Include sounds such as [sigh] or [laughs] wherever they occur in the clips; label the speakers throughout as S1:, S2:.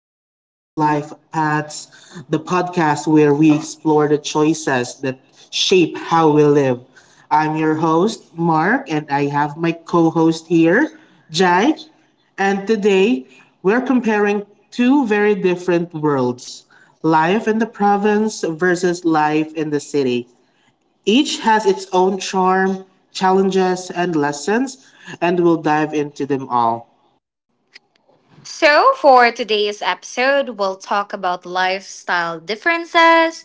S1: welcome to Life Paths, the podcast where we explore the choices that shape how we live. I'm your host, Mark, and I have my co host here, Jai. And today, we're comparing two very different worlds, life in the province versus life in the city. Each has its own charm, challenges, and lessons, and we'll dive into them all.
S2: So, for today's episode, we'll talk about lifestyle differences,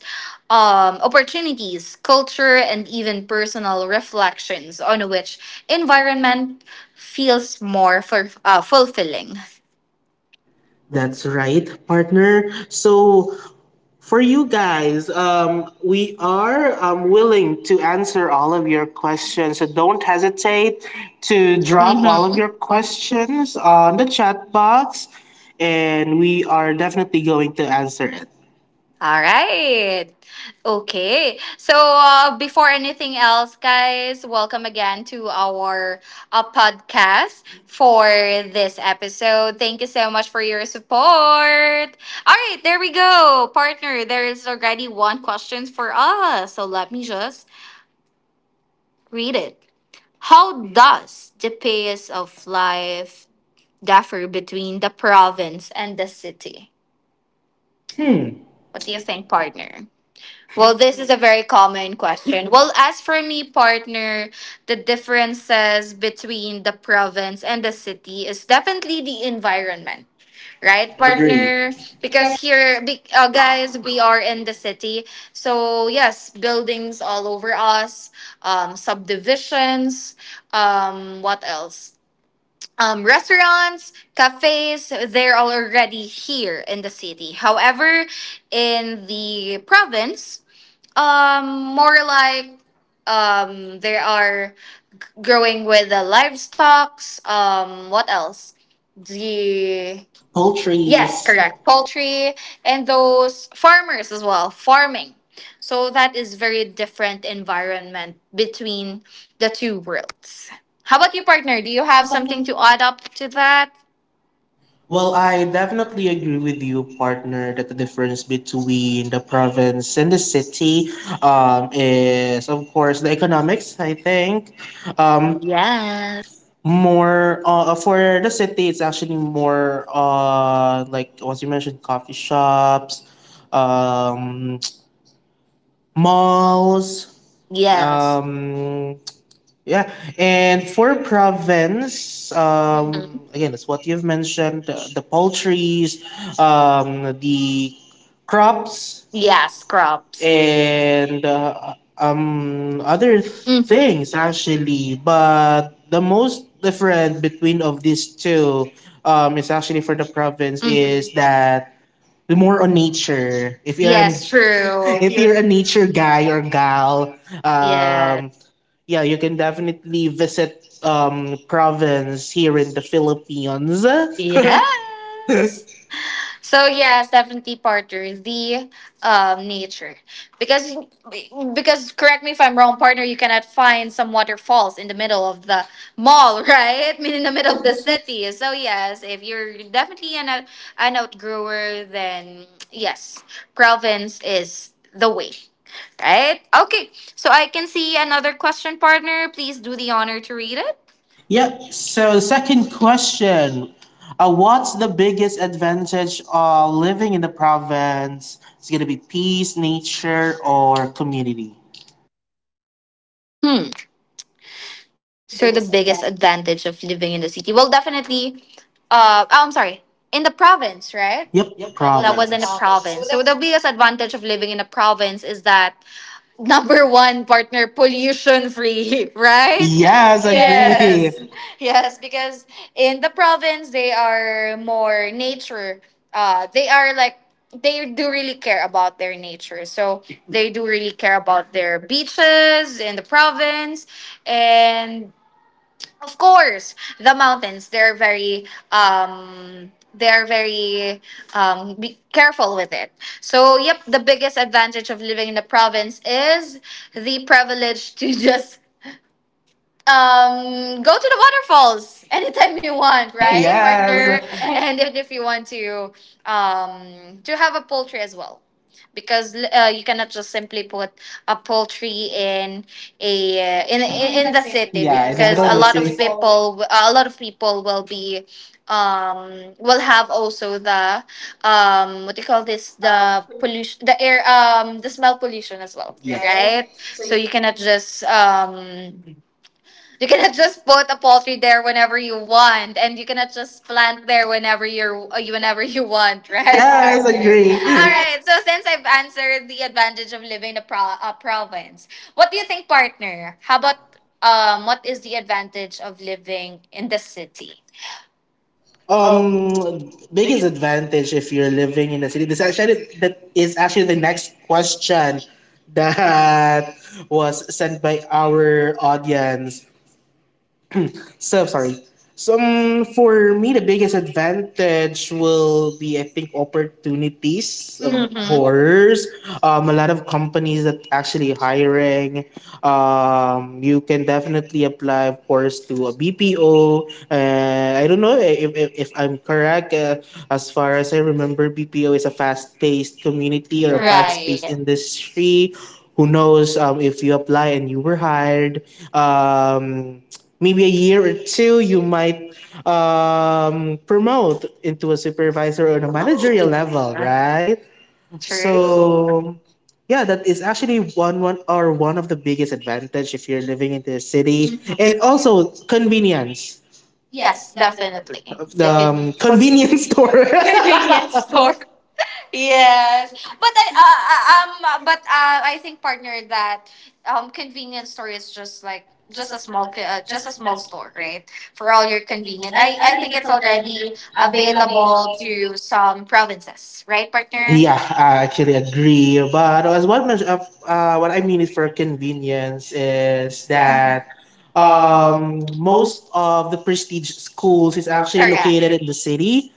S2: opportunities, culture, and even personal reflections on which environment feels more fulfilling. That's
S1: That's right, partner. So for you guys, we are willing to answer all of your questions. So don't hesitate to drop
S2: Mhm.
S1: all
S2: All
S1: of
S2: your
S1: your
S2: questions.
S1: questions on the chat box, and we are definitely going to answer it.
S2: All right. Okay. So, before anything else, guys, welcome again to our podcast for this episode. Thank you so much for your support. All right. There we go. Partner, there is already one question for us. So, let me just read it. How does the pace of life differ between the province and the city? Hmm.
S1: Hmm.
S2: What
S1: What
S2: do
S1: do
S2: you
S1: you
S2: think,
S1: think, partner?
S2: partner? Well, this is a very common question. Well, as for me, partner, the differences between the province and the city is definitely the environment, right,
S1: Right, partner? Agree.
S2: partner? Because
S1: Because
S2: here, guys, we are in the city. So, yes, buildings all over us, subdivisions, what else? Restaurants, cafes, they're all already here in the city. However, in the province, more like, there are growing with the livestock's. What else? The
S1: poultry,
S2: poultry. Yes,
S1: yes, correct.
S2: correct.
S1: Paul,
S2: Poultry and those farmers as well. Farming. So that is very different environment between the two worlds. How about you, partner? Do
S1: do you
S2: you
S1: have
S2: have
S1: something?
S2: something to add up to that?
S1: Well,
S2: Well,
S1: I
S2: I
S1: definitely
S2: definitely
S1: agree
S2: agree
S1: with
S2: with
S1: you,
S2: you, partner.
S1: partner, that the difference between the province and the city is, of course, the economics, I think. Um,
S2: Yeah.
S1: More for the city, it's actually more like what you mentioned, coffee shops, um, [tsk] malls,
S2: Yes.
S1: um, yeah, and for province,
S2: Um,
S1: again, it's what you've mentioned: the poultries, the crops,
S2: yeah, scrubs. And
S1: and
S2: other
S1: other
S2: Mm. things
S1: things
S2: actually
S1: actually. But the most different between of these two, is actually for the
S2: happens,
S1: province
S2: is
S1: is
S2: that
S1: that we're more on nature.
S2: if
S1: If
S2: you're,
S1: you're an,
S2: Yes,
S1: [laughs]
S2: true, if
S1: if you're
S2: you're,
S1: a nature guy or gal,
S2: Yes.
S1: yeah, you can definitely visit province here in the Philippines.
S2: [laughs]
S1: [laughs] So
S2: Yes. So
S1: yeah,
S2: yes, definitely partner, the nature, because correct me if I'm wrong, partner. You cannot find some waterfalls in the middle of the mall, [laughs] right? I mean,
S1: in
S2: in
S1: the
S2: the middle
S1: middle of
S2: of
S1: the
S2: the
S1: city.
S2: city. So yes, if you're definitely an an outgrower, then yes, province is the way. Right? Okay. So I can see another question, partner. Please do the honor to read it.
S1: Yep. So, second question. What's the biggest advantage of living in the province? It's going to be peace, nature, or community? The
S2: So the
S1: biggest
S2: biggest
S1: advantage.
S2: advantage of living in the city? Well, definitely. Oh, I'm sorry. In the province, right?
S1: Yep, was in the
S2: Yep. That was in
S1: province.
S2: the
S1: province. So
S2: province.
S1: the
S2: So the biggest advantage of living in a province is that [laughs] number one, partner, pollution free, [laughs]
S1: right,
S2: right?
S1: yes,
S2: Yes.
S1: yes, agree.
S2: Yes. Yes, because in the province they are more nature. They are like, they do really care about their nature. So [laughs] they do really care about their beaches in the province, and of course, the mountains, they're very, they're very, be careful with it. So, yep, the biggest advantage of living in the province is the privilege to [laughs] just go to the waterfalls anytime you want,
S1: Right. [laughs]
S2: right, yeah, partner?
S1: Yes. And
S2: And if you want to have a poultry as well, because you cannot just simply put a poultry in a uh,
S1: in,
S2: in
S1: in
S2: in in
S1: the
S2: the
S1: city.
S2: city,
S1: Yeah, in the
S2: because
S1: middle of the city.
S2: a lot of people will be, will have also the, what do you call this,
S1: Stuff,
S2: the pollution, the air, the smell pollution as well,
S1: yeah, right?
S2: right?
S1: So
S2: So
S1: you
S2: you cannot just, you cannot just put a poultry there whenever you want, and you cannot just plant there whenever you
S1: [laughs]
S2: want, right, [laughs]
S1: yes, okay,
S2: partner?
S1: agree. All
S2: All
S1: right.
S2: right. So since I've answered the advantage of living in a, a province, what do you think, partner?
S1: How
S2: How about,
S1: about
S2: what is the advantage of living in the city? Um,
S1: Biggest
S2: biggest.
S1: advantage if you're living in a city. This actually that is actually the next question that was sent by our audience. So sorry. Some for me the biggest advantage will be, I think, opportunities, of
S2: Mm-hmm.
S1: course. A lot of companies that actually hiring. You can definitely apply, of course, to a BPO. And I don't know if if I'm correct. As far as I remember, BPO is a fast paced community or a fast, right,
S2: Right.
S1: paced industry. Who knows if you apply and you were hired? Maybe a year or two you might promote into a supervisor or a managerial level, right?
S2: True.
S1: So yeah, that is actually one of the biggest advantage if you're living in the city, and also convenience. Yes,
S2: Yes,
S1: definitely.
S2: definitely.
S1: Of the
S2: [laughs] But this
S1: convenience [laughs] store. Convenience
S2: convenience store.
S1: store.
S2: [laughs] Yes, but I think partner that convenience store is just like just a just
S1: Just a
S2: a
S1: small
S2: small
S1: store,
S2: store,
S1: right?
S2: right? For all your
S1: Very convenient.
S2: convenience,
S1: I,
S2: I
S1: I
S2: I think
S1: think it's
S2: it's already
S1: already
S2: available
S1: available to
S2: to some provinces,
S1: life,
S2: right,
S1: partner?
S2: partner?
S1: Yeah, I actually agree. But as what what I mean is for convenience is, mm-hmm,
S2: Yes,
S1: that
S2: that
S1: most
S2: most
S1: of the prestige schools is
S2: is
S1: actually
S2: actually,
S1: correct,
S2: Correct,
S1: located in
S2: located
S1: the
S2: in-.
S1: city.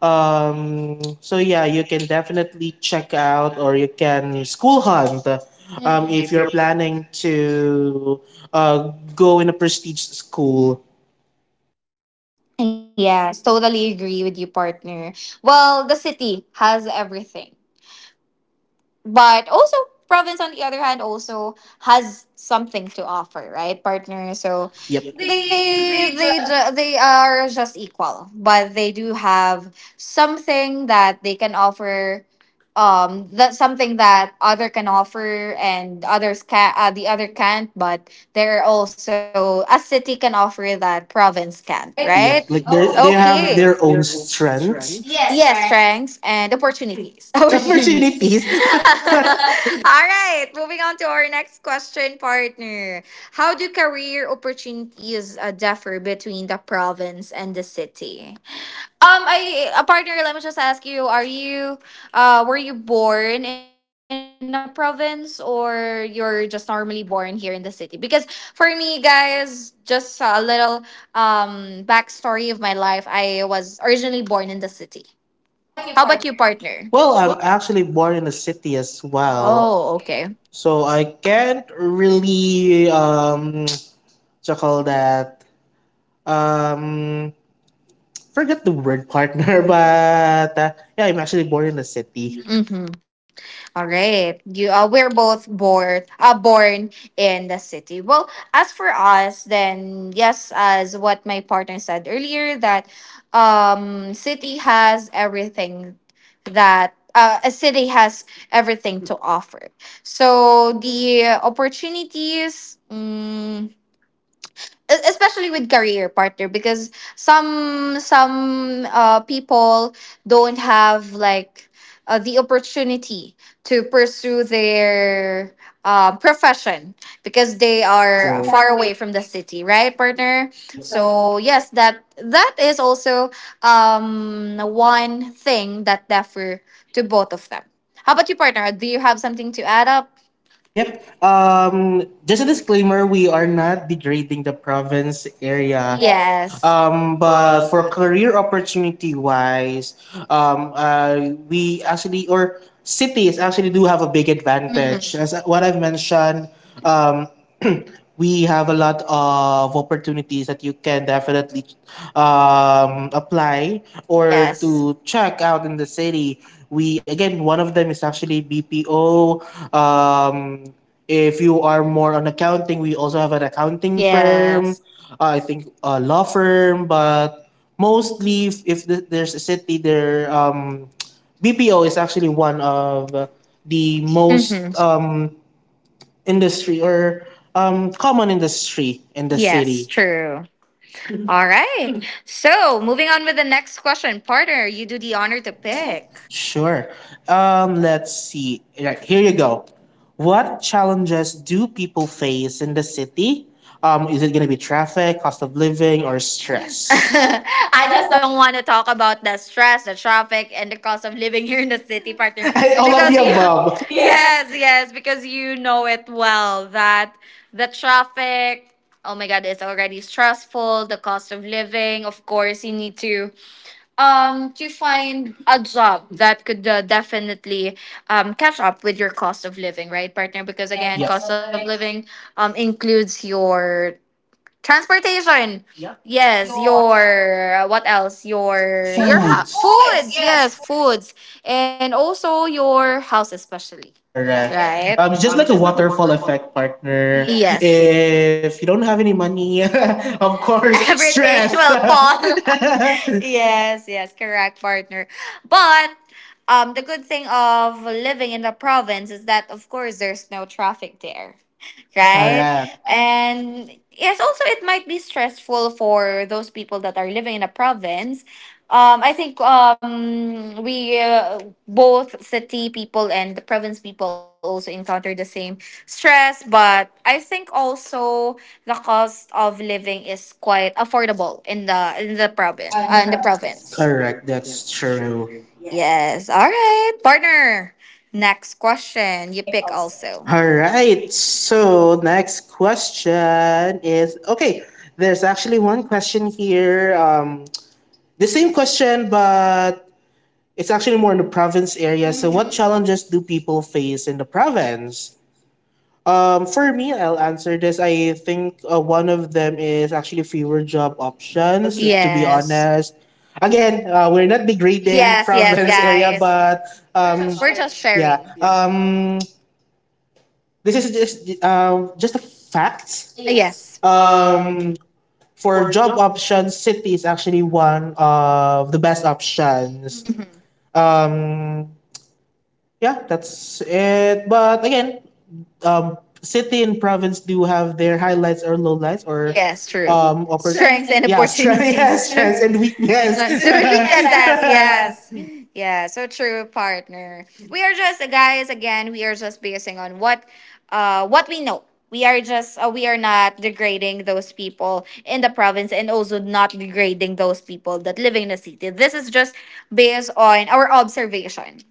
S1: So yeah, you can definitely check out or you can school hunt, mm-hmm,
S2: Mhm.
S1: if you're
S2: If you're.
S1: planning to go in a prestige school.
S2: Yes, totally agree with you, partner. Well, the city has everything. But also, province, on the other hand, also has something to offer, right, partner? So
S1: Yep.
S2: Yep. they
S1: They
S2: they are just equal, but they do have something that they can offer. That something that other can offer and others can, the other can't, but there are also a city can offer that province can't,
S1: right?
S2: right?
S1: Yep. Like they okay,
S2: Okay.
S1: have their own strengths.
S2: Yes,
S1: Yes, Frank. [laughs]
S2: strengths and
S1: [laughs]
S2: opportunities. [laughs]
S1: Opportunity. Opportunities.
S2: Opportunities. [laughs]
S1: [laughs] [laughs]
S2: All right, moving on to our next question, partner. How do career opportunities differ between the province and the city? I
S1: I.
S2: a partner. Let me just ask you: Are you, were you born in a province or you're just normally born here in the city? Because for me, guys, just a little backstory of my life. I was originally born in the city.
S1: How
S2: How
S1: about you,
S2: about you,
S1: partner?
S2: partner?
S1: Well, I'm actually born in a city as well. Oh,
S2: Oh,
S1: okay.
S2: okay.
S1: So I can't really [tsk] to call that um forget the word, partner, [laughs] but yeah, I'm actually born in a city.
S2: Mm-hmm. All right. You we're both born in the city. Well, as for us, then yes, as what my partner said earlier, that city has everything, that a city has everything to offer. So the opportunities, especially with career, partner, because some people don't have like, the opportunity to pursue their profession, because
S1: We
S2: they
S1: are
S2: are
S1: so-
S2: far
S1: far away.
S2: away from the city, right, partner?
S1: Yep.
S2: Yep.
S1: So
S2: So yes, that is also one thing that differ to both of them. How about you, partner? Do you have something to add up?
S1: yep. Just a disclaimer: we are not degrading the province
S2: Yeah.
S1: area. Yes.
S2: Yes.
S1: But
S2: But
S1: for
S2: for.
S1: career opportunity wise, we actually or cities actually do have a big
S2: Mhm.
S1: advantage. As what I've mentioned, um, [clears throat] we have a lot of opportunities that you can definitely apply
S2: Or,
S1: or yes,
S2: Yes, something
S1: to check out in the city. We again, one of them is actually BPO. Um, if you are more on accounting, we also have an
S2: further.
S1: accounting
S2: Yes.
S1: firm. Yes. I think a law firm, but mostly if, there's a city there, BPO is actually one of the
S2: Be most.
S1: most
S2: Hmm.
S1: industry or common industry in the yes,
S2: Yes,
S1: city. True.
S2: true. All right. So, moving on with the next question. Partner, you do the honor to pick.
S1: Sure. Let's see. Right, here you go. What challenges do people face in the city? Is it going to be traffic, cost of living, or stress?
S2: [laughs]
S1: [laughs] I
S2: I
S1: just
S2: just
S1: don't
S2: don't want to talk about the stress, the traffic, and the cost of living here in the city, partner.
S1: [laughs] all of the
S2: Because you,
S1: above.
S2: [laughs]
S1: Yeah.
S2: yes, yes, because you know it well that the traffic, oh my God, it's already stressful. The cost of living, of course, you need to, to find a job that could, definitely, catch up with your cost of living, right partner,
S1: Because
S2: because
S1: again,
S2: again,
S1: yep, cost
S2: cost
S1: of
S2: of
S1: living,
S2: living, includes your transportation. Yep.
S1: yes,
S2: Yes, your, what else, your
S1: your
S2: your
S1: foods, foods,
S2: foods. Yes,
S1: yes.
S2: foods. And also your house, especially,
S1: Correct,
S2: right?
S1: right? It's just
S2: Just
S1: like a
S2: like a
S1: waterfall
S2: wonderful.
S1: effect, partner. Yes.
S2: Yes,
S1: If you don't have any money, [laughs] of course, [laughs] stress.
S2: everything [laughs]
S1: There's
S2: will
S1: a lot.
S2: fall.
S1: [laughs]
S2: [laughs]
S1: Yeah,
S2: Yes, yes, correct, partner. But the good thing of living in the province is that, of course, there's no traffic there,
S1: right.
S2: right?
S1: Correct. And
S2: And yes, also it might be stressful for those people that are living in a province, I think, we both city people and the province people also encounter the same stress, but I think also the cost of living is quite affordable in the province,
S1: in the
S2: in the
S1: province.
S2: province. Correct.
S1: Correct. That's
S2: That's
S1: true.
S2: true.
S1: Yeah,
S2: Yes. All right, partner. Next
S1: and you
S2: question. You
S1: pick
S2: pick
S1: also.
S2: also.
S1: All
S2: All
S1: right.
S2: right. So,
S1: So next question is okay. There's actually one question here. The same question, but it's actually more in the province area. So, what, Mhm.
S2: hmm
S1: challenges do people face in the province? For me, I'll answer this. I think one of them is actually fewer job options, to be, yes,
S2: Yes.
S1: honest. Again, we're not degrading yes, yes,
S2: Yes, yes,
S1: province, yes, area,
S2: guys.
S1: but we're
S2: We're
S1: just
S2: just
S1: sharing.
S2: sharing.
S1: Yeah, this is just just a fact, yes,
S2: Yes.
S1: for
S2: For
S1: job
S2: job.
S1: options city is actually one of the best options.
S2: hmm
S1: um Yeah, that's it. But again, city and province do have their highlights or lowlights, or yes,
S2: Yes,
S1: true,
S2: true.
S1: strengths
S2: Strengths
S1: and
S2: and
S1: yeah, strength, [laughs] yes, [laughs]
S2: opportunities.
S1: strengths and
S2: [laughs]
S1: weakness. [laughs]
S2: Luxury assess,
S1: Yes,
S2: yes. Yeah, so true partner. We are just guys, again, we are just basing on what, what we know. We are just, we are not degrading those people in the province, and also not degrading those people that live in the city. This is just based on our observation,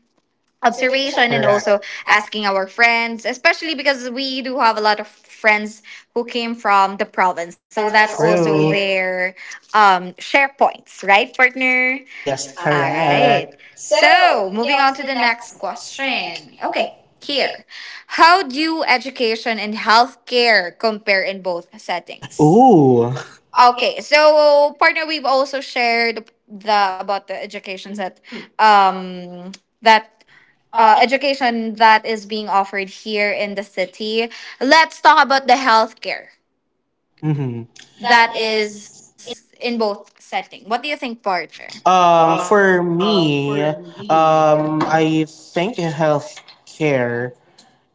S1: observation and
S2: and
S1: correct,
S2: also
S1: also
S2: asking our friends, especially because we do have a lot of friends who came from the
S1: essence.
S2: province.
S1: So
S2: So
S1: that's
S2: that's
S1: also
S2: also
S1: true there.
S2: their, share points, right, partner?
S1: Yes, okay,
S2: All right.
S1: correct. So
S2: So
S1: moving
S2: moving
S1: on
S2: on to
S1: to the
S2: the
S1: next
S2: next
S1: question.
S2: question.
S1: Okay,
S2: Okay.
S1: here.
S2: Here, how do education and healthcare compare in both
S1: So I think it's,
S2: settings?
S1: ooh. Okay,
S2: Okay, so partner, we've also shared the about the educations that, um that,
S1: uh,
S2: education that is being offered here in the city. Let's talk about the healthcare
S1: mm-hmm, that
S2: that
S1: is
S2: is in both setting. What do you think, Parker?
S1: For
S2: For
S1: me,
S2: me.
S1: I think healthcare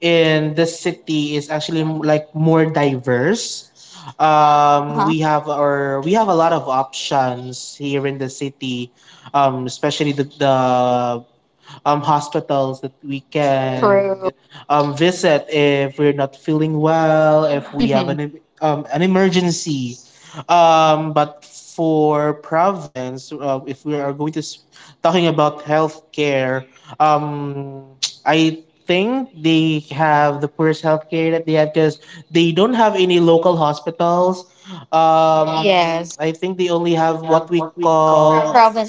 S1: in the city is actually like more diverse.
S2: Uh huh.
S1: We have our we have a lot of options here in the city, especially the hospitals that we
S2: Can.
S1: can
S2: True.
S1: visit if we're not feeling well, if we
S2: Mm-hmm.
S1: have an emergency. But for province, if we are going to talking about healthcare, um, I think they have the poorest healthcare that they have because they don't have any local hospitals, um,
S2: Yes.
S1: I think they only
S2: We
S1: have
S2: have
S1: what we
S2: what we
S1: call
S2: call Province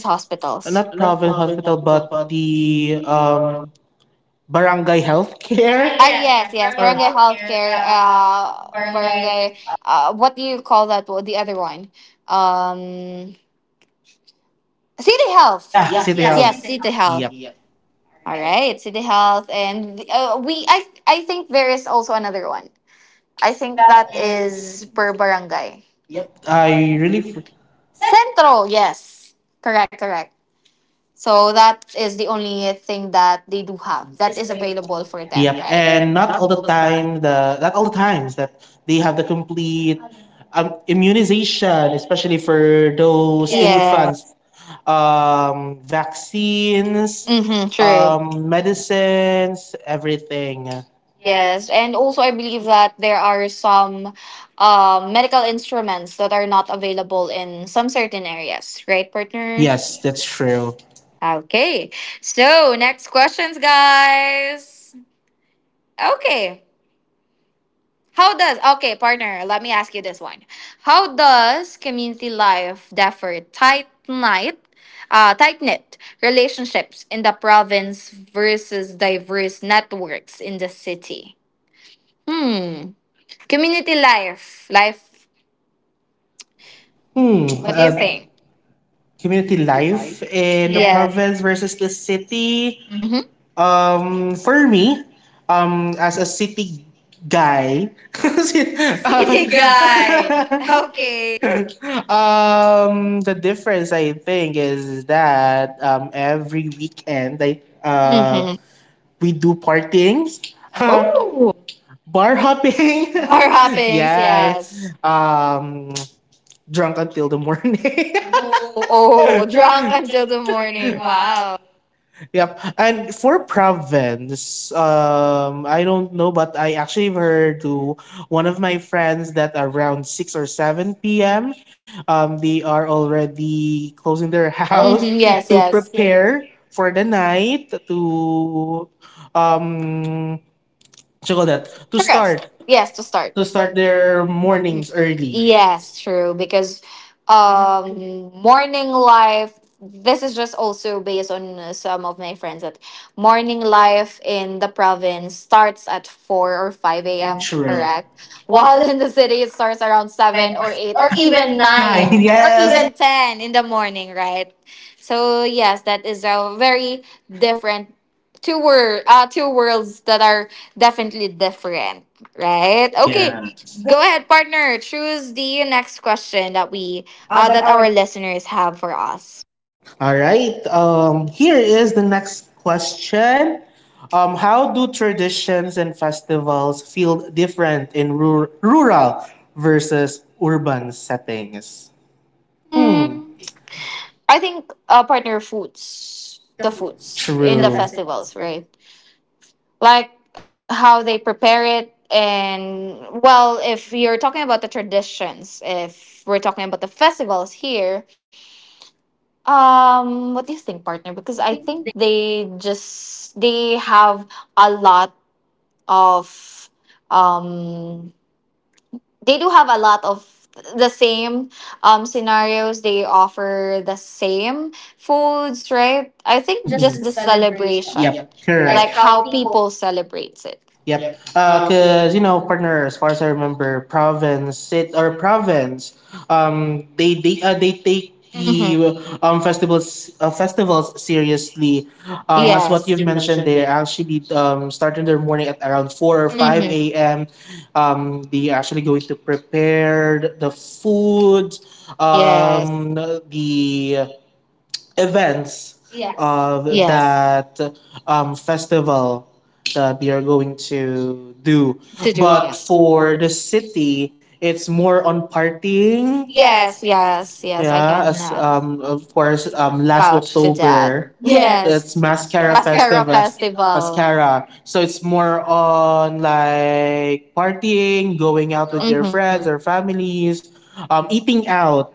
S2: hospitals,
S1: not
S2: not
S1: province
S2: province
S1: hospital,
S2: hospital,
S1: but
S2: but
S1: the
S2: the,
S1: barangay healthcare. Ah,
S2: Ah,
S1: yes, yes,
S2: yes,
S1: or-
S2: yes.
S1: barangay or-
S2: Barangay
S1: healthcare,
S2: healthcare.
S1: barangay.
S2: Barangay. What do you call that? The other one. Um. City Health.
S1: Yeah,
S2: Yeah.
S1: city, yes,
S2: City.
S1: health.
S2: Yes,
S1: City
S2: City
S1: Hall.
S2: Health.
S1: Yep,
S2: Yeah. All
S1: alright,
S2: right, City Health, and, we. I think there is also another one.
S1: I
S2: I
S1: think
S2: think
S1: that
S2: that
S1: is,
S2: is per barangay.
S1: yep.
S2: Yep. I
S1: I really
S2: really.
S1: fr-
S2: Centro. Yes. Correct, correct. So that is the only thing that they do have
S1: that is
S2: that is
S1: available for
S2: available for
S1: them.
S2: them,
S1: Yep,
S2: Yeah, right?
S1: and
S2: And
S1: not all
S2: not
S1: the
S2: all the time.
S1: time the not all the times that they have the complete immunization, especially for
S2: So,
S1: those, yes,
S2: Yes.
S1: infants, vaccines,
S2: Mm-hmm,
S1: mhm,
S2: true.
S1: um, medicines, everything. Yes.
S2: Yes, and also I believe that there are some, medical instruments that are not available in some certain areas, right, partner?
S1: Yes,
S2: Yes.
S1: that's true.
S2: Okay, so next questions, guys. Okay, how does, okay, partner, let me ask you this one. How does community life differ, tight knit relationships in the province versus diverse networks in the city? Hmm. Community life. Life.
S1: Hmm. What do you,
S2: What do
S1: uh,
S2: you
S1: think?
S2: think?
S1: Community
S2: Community life.
S1: life in the, yes,
S2: Yeah.
S1: province versus the city. Mhm.
S2: Mm-hmm.
S1: Um, for me, as a city guy, [laughs] city
S2: City
S1: guy.
S2: guy.
S1: [laughs]
S2: [laughs]
S1: Okay.
S2: Okay.
S1: um, the difference I think is that every weekend I mhm,
S2: Mm-hmm.
S1: we do partings, [laughs] ooh,
S2: Oh.
S1: bar hopping. [laughs] Bar
S2: Bar
S1: hopping.
S2: hoppings,
S1: Yes. Yes.
S2: yes. [laughs]
S1: Drunk until the morning. [laughs]
S2: Oh,
S1: Oh,
S2: oh, drunk
S1: drunk until
S2: until
S1: the
S2: the morning.
S1: morning. Wow.
S2: Wow.
S1: Yep. And for province, I don't know, but I actually heard to one of my friends that around 6 or 7 p.m., they are already closing their [laughs] house,
S2: Mhm,
S1: yes,
S2: yes,
S1: to yes,
S2: yes. Care.
S1: prepare for the night to, um, what you call
S2: To,
S1: that?
S2: Correct,
S1: To rest,
S2: start.
S1: start,
S2: Yes,
S1: yes, to
S2: to
S1: start,
S2: start.
S1: to
S2: To
S1: start
S2: start
S1: their
S2: their
S1: mornings
S2: mornings early.
S1: early.
S2: Yes,
S1: Yes.
S2: true. Because morning life, this is just also based on some of my friends that morning life in the province starts at 4 or 5
S1: P.m.,
S2: a.m.,
S1: true, correct?
S2: correct?
S1: While
S2: While
S1: it's
S2: in the city, it starts around
S1: seven
S2: 7
S1: or
S2: or
S1: eight
S2: 8
S1: or
S2: or
S1: even
S2: even
S1: nine. Nine.
S2: 9 or
S1: Yes.
S2: even 10 in the morning, right? So, yes, that is a very different two worlds that are definitely different,
S1: Even
S2: right?
S1: nine, okay.
S2: Okay.
S1: Yeah.
S2: Go ahead, partner. Choose the next question that we
S1: That
S2: that
S1: our
S2: our listeners have for us.
S1: all right. Here is the next question. How do traditions and festivals feel different in rural versus urban settings?
S2: Hmm.
S1: Hmm.
S2: I think partner foods.
S1: The
S2: The
S1: foods.
S2: foods, sure,
S1: True.
S2: in the
S1: The festivals,
S2: festivals,
S1: right?
S2: right? Like how they prepare it. And well, if you're talking about the traditions, if we're talking about the festivals here, what do you think, partner?
S1: Because
S2: Because I think they just they have a lot of um they do have a lot of the same scenarios. They offer the same foods, right?
S1: I
S2: I
S1: think
S2: think
S1: just
S2: just
S1: the
S2: the
S1: celebration.
S2: celebration.
S1: Yep.
S2: Yep,
S1: Correct.
S2: correct.
S1: Like
S2: Like
S1: how
S2: how
S1: people
S2: people celebrates it.
S1: yep.
S2: Yep.
S1: Cause
S2: Okay.
S1: you know, partner, as far as I remember, province sit or province, they take
S2: Mm-hmm.
S1: the festivals seriously.
S2: What,
S1: As what yes,
S2: yes,
S1: you've
S2: you
S1: mentioned,
S2: mentioned there,
S1: they actually starting their morning at around four or five
S2: mm-hmm,
S1: Mm-hmm. a.m. They actually going to prepare the food, yes,
S2: yes.
S1: the events, yeah, of yes,
S2: Yes.
S1: that festival that they are going to do.
S2: To do God,
S1: But
S2: yes.
S1: for the city, it's more on partying. Yes,
S2: Yes,
S1: yes.
S2: yes,
S1: Yes.
S2: yes. I
S1: Yeah,
S2: can,
S1: as of course, last
S2: vouch to
S1: October,
S2: that.
S1: yes, it's
S2: Yes.
S1: Mascara
S2: Mascara
S1: Festival.
S2: Festival.
S1: Mascara. So it's more on like partying, going out with your
S2: Mm-hmm.
S1: friends or families, eating out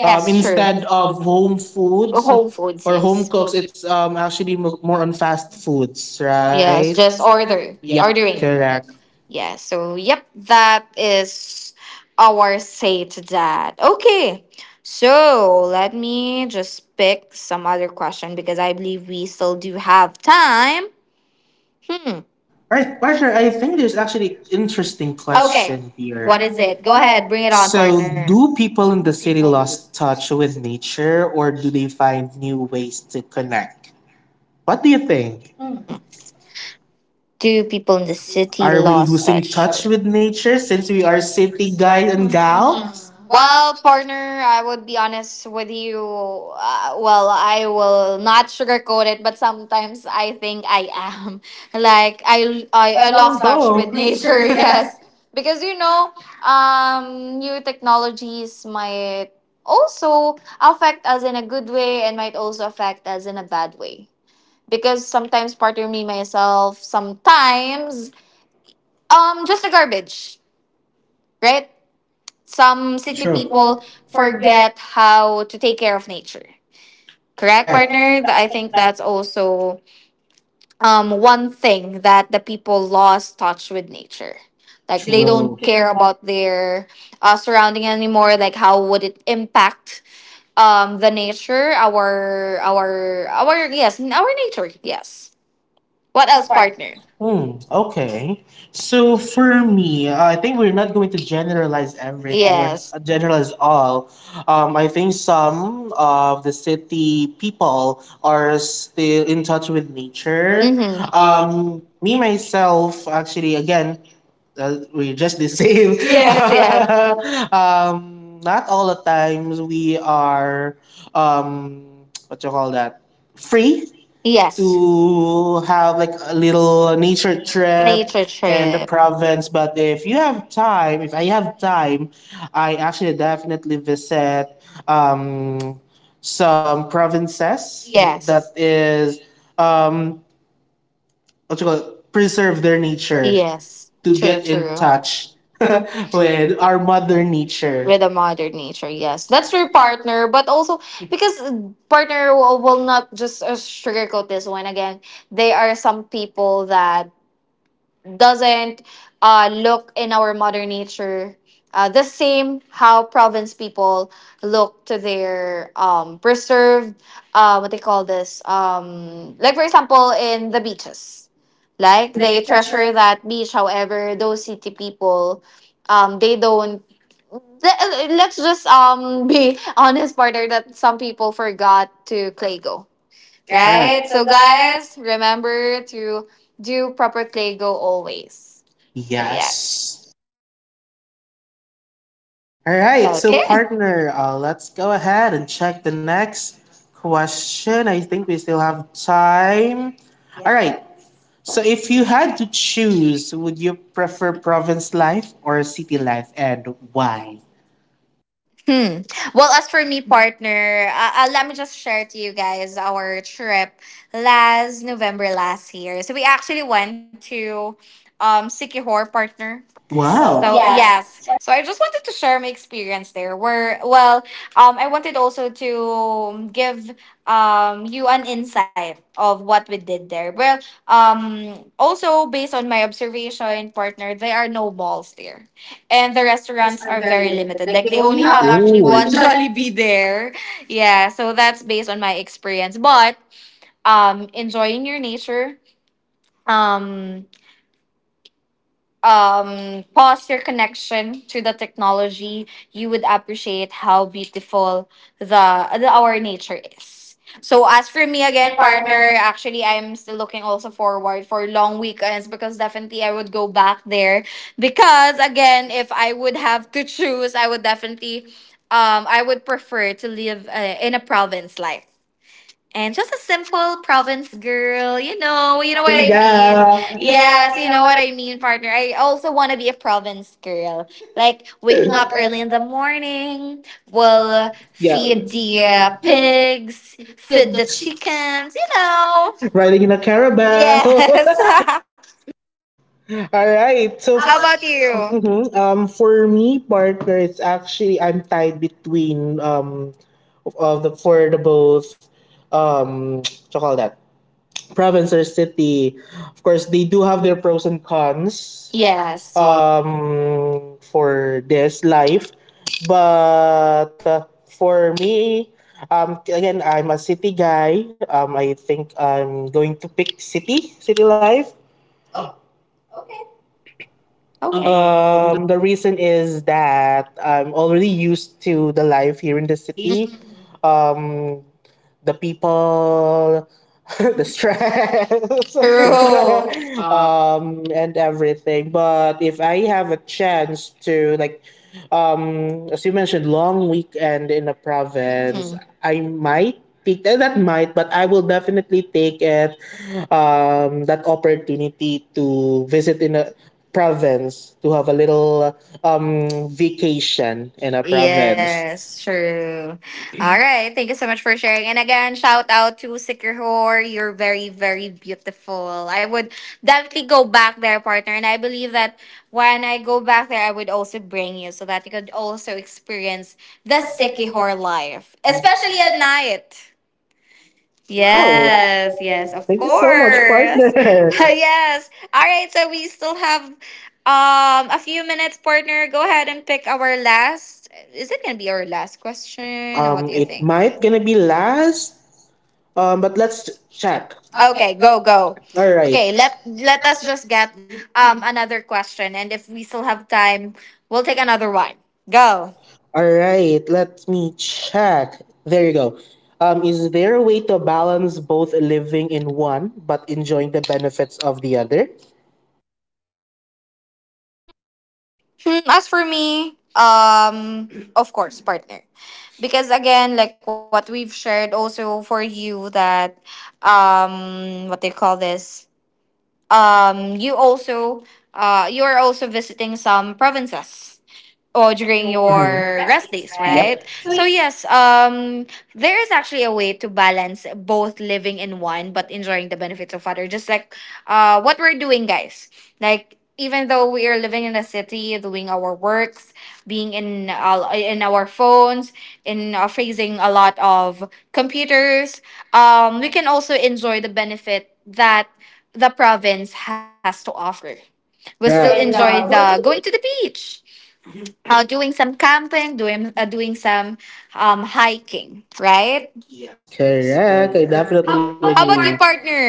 S1: um, yes,
S2: true.
S1: instead of home foods, home
S2: Whole
S1: foods,
S2: Foods,
S1: or home
S2: yes.
S1: cooks, it's more on fast foods, right? It's
S2: Yes,
S1: just
S2: just
S1: order.
S2: order.
S1: Yep, order it,
S2: Ordering.
S1: correct.
S2: Yeah, so yep, that is our say to that. Okay. So let me just pick some other question because I believe we still do have time. Hmm.
S1: All right,
S2: Right,
S1: partner,
S2: partner,
S1: I
S2: I
S1: think
S2: think
S1: there's
S2: it's
S1: actually
S2: actually an
S1: interesting,
S2: interesting
S1: okay,
S2: question. Okay.
S1: question
S2: Here.
S1: here. What
S2: What
S1: is
S2: is
S1: it?
S2: it? Go
S1: Go
S2: ahead.
S1: ahead, read
S2: Bring it
S1: it on.
S2: on, so,
S1: So, us,
S2: partner.
S1: do
S2: Do
S1: people
S2: people
S1: in the city
S2: lost?
S1: lost touch with nature or do they find new ways to connect? What do you think? Hmm.
S2: Hmm. Do people in the city
S1: Are we
S2: lost
S1: losing
S2: touch
S1: touch
S2: with?
S1: with
S2: Mm.
S1: nature since we are city guys and gal? Well,
S2: Well, partner, I would be honest with you. Well, I will not sugarcoat it, but sometimes I think I am. [laughs] Like I, I,
S1: I
S2: I
S1: lost,
S2: lost touch with
S1: both, nature,
S2: nature. [laughs]
S1: yes.
S2: Yes, because you know, new technologies might also affect us in a good way and might also affect us in a bad way because sometimes partner me myself sometimes just the garbage, right?
S1: [laughs] Some
S2: Some
S1: city,
S2: city, true,
S1: true,
S2: people
S1: people forget,
S2: forget how to take care of nature. Correct,
S1: correct,
S2: partner.
S1: reference.
S2: Th-
S1: I
S2: i
S1: think
S2: think
S1: that
S2: that's also one thing that the people lost touch with nature,
S1: like,
S2: like
S1: they, true,
S2: they
S1: don't, true,
S2: don't care
S1: care about
S2: about their surrounding anymore. Like how would it impact the nature, our our yes, our nature, yes.
S1: what
S2: What
S1: else,
S2: else,
S1: part.
S2: partner?
S1: Hmm,
S2: Hmm. Okay.
S1: okay. So for me, I think we're not going to generalize everything or, yes,
S2: Yes.
S1: generalize all. I think some of the city people are still in touch with nature. Mhm.
S2: Hmm.
S1: Me myself, actually, again, we're just the same. [laughs] Yeah.
S2: Yes, yes,
S1: [laughs] Not all the times we are, um, what you call that, free, yes,
S2: yes.
S1: to have like a little nature trip, nature
S2: Nature
S1: trip, and the
S2: trip.
S1: province. But if you have time, if I have time, I actually definitely visit, um, some provinces, yes,
S2: Yes.
S1: that, yes, is, um, what you call preserve their
S2: Their nature.
S1: nature, yes,
S2: Yes.
S1: to
S2: To, true,
S1: get
S2: get in,
S1: in
S2: true, touch
S1: touch
S2: [laughs]
S1: [laughs] with
S2: with
S1: our mother
S2: nature,
S1: nature. With
S2: with a
S1: the mother.
S2: modern nature, yes,
S1: Yes.
S2: that's
S1: That's your
S2: your
S1: part.
S2: partner. But also, because partner, will not just, sugarcoat this one again, they are some people that doesn't, look in our modern nature the same how province people look to their, preserved, what they call this, like for example in the beaches,
S1: Like,
S2: like
S1: mhm,
S2: they
S1: they treasure it.
S2: treasure that beach. However, those city people, they don't let's just, [laughs] be honest, partner, that some people forgot to clay go.
S1: Correct. Right?
S2: Right?
S1: So
S2: So,
S1: guys,
S2: guys, remember to do proper play go always. Yes.
S1: yes. All
S2: Yes.
S1: right.
S2: Right.
S1: So, okay,
S2: Okay.
S1: partner, let's go ahead and check the next question. I think we still have time. All, yeah, right. So, if you had to choose, would you prefer province life or city life and why?
S2: Hmm. Well, as for me, partner, let me just share to you guys our trip last November last year. So we actually went to Sikihor, partner.
S1: So,
S2: So
S1: wow, yes,
S2: yes, so I just wanted to share my experience there. Where, well, I wanted also to give you an insight of what we did there. Well, also based on my observation, partner, there are no malls there and the
S1: restaurants
S2: restaurants
S1: are
S2: are
S1: very
S2: very
S1: limited.
S2: limited.
S1: Like
S2: Like
S1: they
S2: they
S1: only
S2: only
S1: have
S2: have
S1: actually, ooh,
S2: actually
S1: one
S2: one [laughs]
S1: jolly
S2: Jollibee there. Yeah, so that's based on my experience. But enjoying your nature, um pause your connection to the technology, you would appreciate how beautiful the our nature is. So as for me
S1: again,
S2: again,
S1: partner.
S2: partner, actually I'm still looking also forward for long weekends because definitely I would go back there. Because again, if I would have to choose, I would definitely I would prefer to live, in a province life and just a simple province girl.
S1: We
S2: You know
S1: promise,
S2: what I, yeah, mean.
S1: yeah.
S2: Yes,
S1: Yes, you
S2: you
S1: know
S2: know
S1: what?
S2: what I mean, partner. I also want to be a province girl. Like
S1: Wake
S2: waking up
S1: up and
S2: early in the morning, will
S1: will, yeah, feed
S2: feed the,
S1: the, pig,
S2: pigs,
S1: feed
S2: feed
S1: the
S2: the
S1: chicken.
S2: chickens. You know.
S1: Riding in
S2: Riding
S1: a
S2: the caravan.
S1: caravan.
S2: Yes.
S1: [laughs] All right. So
S2: [laughs]
S1: how
S2: How
S1: about
S2: about
S1: you?
S2: you?
S1: Mhm. For me, partner, it's actually I'm tied between, of the both, [tsk] what you call that, province or city, of course, they do have their pros and cons, yes,
S2: Yes. Okay.
S1: for this life. But, for me, again, I'm a city guy. I think I'm going to pick city life. Oh. Okay.
S2: Um,
S1: The reason is that I'm already used to the life here in the city.
S2: mhm.
S1: Um, the people, [laughs] the stress, [laughs]
S2: True. [laughs] uh,
S1: and everything. But if I have a chance to, like, as you mentioned, long weekend in a province,
S2: mhm.
S1: I might take, that might, but I will definitely take it. That opportunity to visit in a province to have a little vacation in a province.
S2: Yes,
S1: Yes, true.
S2: true. All right. Thank you so much for sharing. And again, shout out to Sikihor. You're very, very beautiful. I would definitely go back there, partner. And I believe that when I go back there, I would also bring you so that you could also experience the
S1: That's sick, before,
S2: Sikihor life,
S1: especially,
S2: especially at night.
S1: wow, yes.
S2: Yes, yes, of
S1: Thank you so much, water,
S2: course. [laughs]
S1: partner.
S2: Yes. All right, so we still have a few minutes, partner. Go ahead and pick our last. Is it going to be our last
S1: [laughs]
S2: question? Or what do you
S1: It
S2: think?
S1: might
S2: Might
S1: gonna
S2: gonna
S1: be
S2: be
S1: last.
S2: last,
S1: But
S2: but
S1: let's
S2: let's try.
S1: check. Okay,
S2: Okay,
S1: go,
S2: go
S1: go.
S2: go. All
S1: All
S2: right.
S1: right.
S2: Okay,
S1: Okay, let
S2: let us
S1: us.
S2: just get another question, and if we still have time, we'll take another one. Go.
S1: All right, let me check. There you go. Is there a way to balance both living in one but enjoying the benefits of the other?
S2: Hmm. As for me, of course, partner. Because again, like what we've shared also for you, that what they call this? Um, you also you are also visiting some provinces or
S1: Mhm,
S2: during
S1: your
S2: your rest
S1: recipes,
S2: days,
S1: right? Yep.
S2: right?
S1: So you
S2: So yes, there is actually a way to balance both living in one but enjoying the benefits of other. Just like, what we're doing, guys. Like even though we are living in a city, doing our works, being in, in our phones, in, facing a lot of computers, we can also enjoy the benefit that the province has to offer. We'll
S1: still,
S2: still
S1: correct,
S2: enjoy
S1: the
S2: the going to the
S1: going,
S2: beach, doing some camping, doing some hiking, right?
S1: yes, correct, I
S2: How
S1: definitely
S2: about you,
S1: agree.
S2: partner?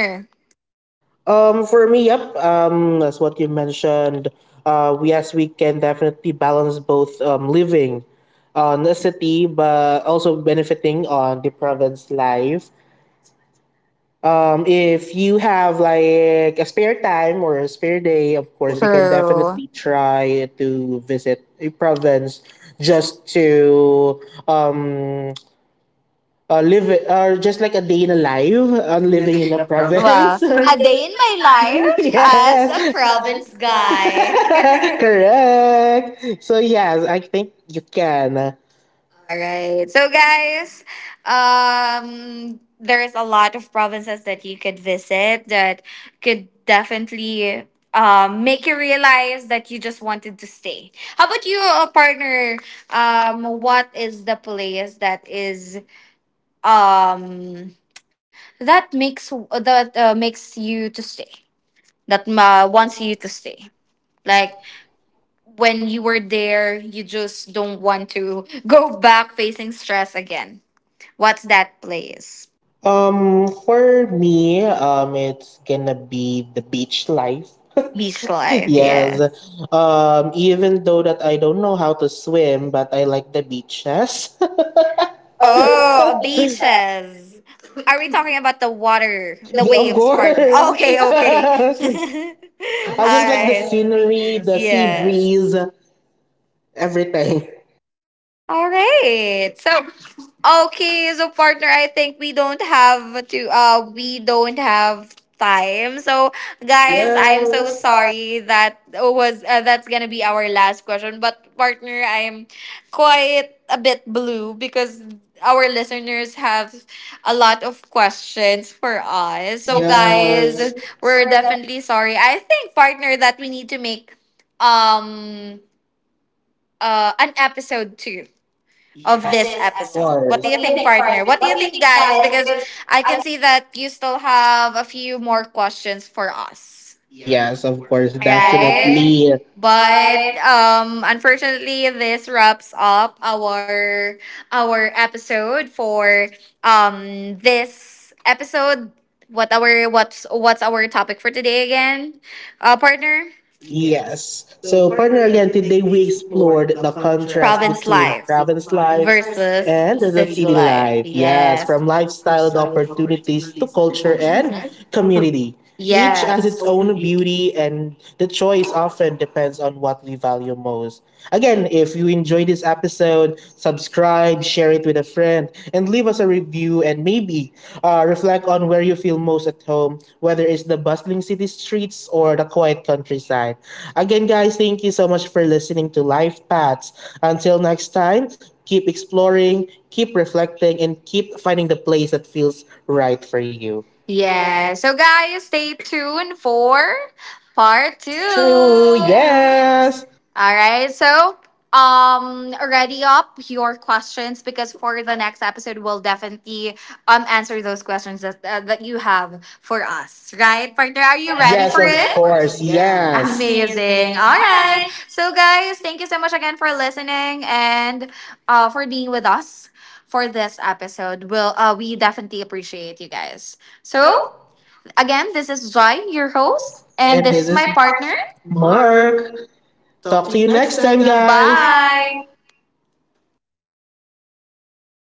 S1: For me, yep. That's what you mentioned. Yes, we can definitely balance both, living on the city, but also benefiting on the province life. If you have like a spare time or a spare day, of course, you can
S2: True.
S1: definitely try to visit a province just to, um, live or just like a day in a life on living in a
S2: Wow.
S1: province. [laughs] A
S2: A
S1: day
S2: day in my
S1: in my life, [laughs]
S2: life
S1: I,
S2: [laughs]
S1: yes,
S2: as a
S1: a
S2: province
S1: province
S2: guy.
S1: guy. [laughs]
S2: [laughs]
S1: Correct. So yes, I think you can.
S2: All right. So guys, there's a lot of provinces that you could visit that could definitely make you realize that you just wanted to stay. How about you, partner? What is the place that is um that makes that, makes you to stay? That,
S1: Once
S2: wants
S1: you
S2: you to stay.
S1: like,
S2: Like when you were there, you just don't want to go [laughs] back facing stress again. What's that place?
S1: For me, it's gonna be the beach life.
S2: [laughs]
S1: [laughs] Beach
S2: Beach
S1: life.
S2: life, yeah. Yeah.
S1: Yes. Yes. Even though that I don't know how to swim, but I like the beaches. [laughs] Oh,
S2: Oh,
S1: beaches.
S2: beaches. Are we talking about the water,
S1: The,
S2: the
S1: yeah,
S2: waves, partner? Okay, okay.
S1: of way, course. [laughs] Okay.
S2: [laughs] All
S1: I just like the, alright,
S2: right.
S1: scenery, the sea, yeah,
S2: Yes.
S1: breeze, everything.
S2: All right. So, okay, so partner, I think we don't have to we don't have time. So,
S1: Guys,
S2: guys, I'm
S1: I'm so,
S2: so
S1: yes, sorry.
S2: sorry that was, that's going to be our last question, but partner, I'm quite a bit blue because our listeners have a lot of questions for us.
S1: I'm
S2: So,
S1: so tired,
S2: guys,
S1: yes, guys.
S2: we're
S1: We're done on,
S2: definitely sorry. I think partner that we need to make um an episode too of
S1: yes,
S2: this
S1: this of episode,
S2: episode. What
S1: course.
S2: do
S1: What
S2: you
S1: do you
S2: think,
S1: think,
S2: partner?
S1: partner?
S2: What do
S1: What
S2: you
S1: do you
S2: think,
S1: think,
S2: guys?
S1: guys?
S2: Because
S1: Because
S2: I
S1: I,
S2: can see that you still have a few more questions for us.
S1: yes, of course, right,
S2: Right?
S1: definitely,
S2: But
S1: but
S2: unfortunately this wraps up our episode for this episode. What our what's our topic for today again? Partner?
S1: yes.
S2: So
S1: So,
S2: further
S1: partner,
S2: yet,
S1: again,
S2: they may
S1: today
S2: be
S1: we
S2: explored
S1: explored
S2: the
S1: the
S2: contrast
S1: contrast, Province,
S2: province
S1: between life,
S2: life with
S1: province
S2: life,
S1: life versus,
S2: versus
S1: and the
S2: city
S1: city
S2: life.
S1: life. Yes,
S2: Yes,
S1: from
S2: lifestyle of
S1: lifestyle to
S2: our communities,
S1: opportunities to
S2: cultures,
S1: culture
S2: hmm, and
S1: and community. Each
S2: yes,
S1: has
S2: its
S1: its, yes,
S2: own.
S1: own beauty, and the choice often depends on what we value most. Again, if you enjoyed this episode, subscribe, share it with a friend, and leave us a review. And maybe, reflect on where you feel most at home, whether it's the bustling city streets or the quiet countryside. Again, guys, thank you so much for listening to Life Paths. Until next time, keep exploring, keep reflecting, and keep finding the place that feels right for you. Yeah.
S2: Yeah. So guys, stay tuned for part two.
S1: Part 2. Two,
S2: Yes.
S1: yes,
S2: All right. So ready up your questions because for the next episode we'll definitely answer those questions that, that you have for us, right, partner?
S1: partner,
S2: Are you
S1: are you,
S2: ready
S1: yes,
S2: for
S1: ready, of, for
S2: it?
S1: it?
S2: Of course,
S1: Course,
S2: yeah.
S1: yes.
S2: Amazing.
S1: Amazing. All
S2: All right.
S1: right.
S2: So guys, thank you so much again for listening and for being with us for this episode. We definitely appreciate you guys. So,
S1: So,
S2: again, this is Jai, your host,
S1: host, and
S2: and
S1: And
S2: this
S1: this
S2: is
S1: this is
S2: my
S1: is my
S2: partner. Marv,
S1: partner. Mark.
S2: talk
S1: Talk
S2: to
S1: to
S2: you
S1: you
S2: next
S1: next
S2: time,
S1: time,
S2: guys.
S1: guys.
S2: Bye.
S1: Bye.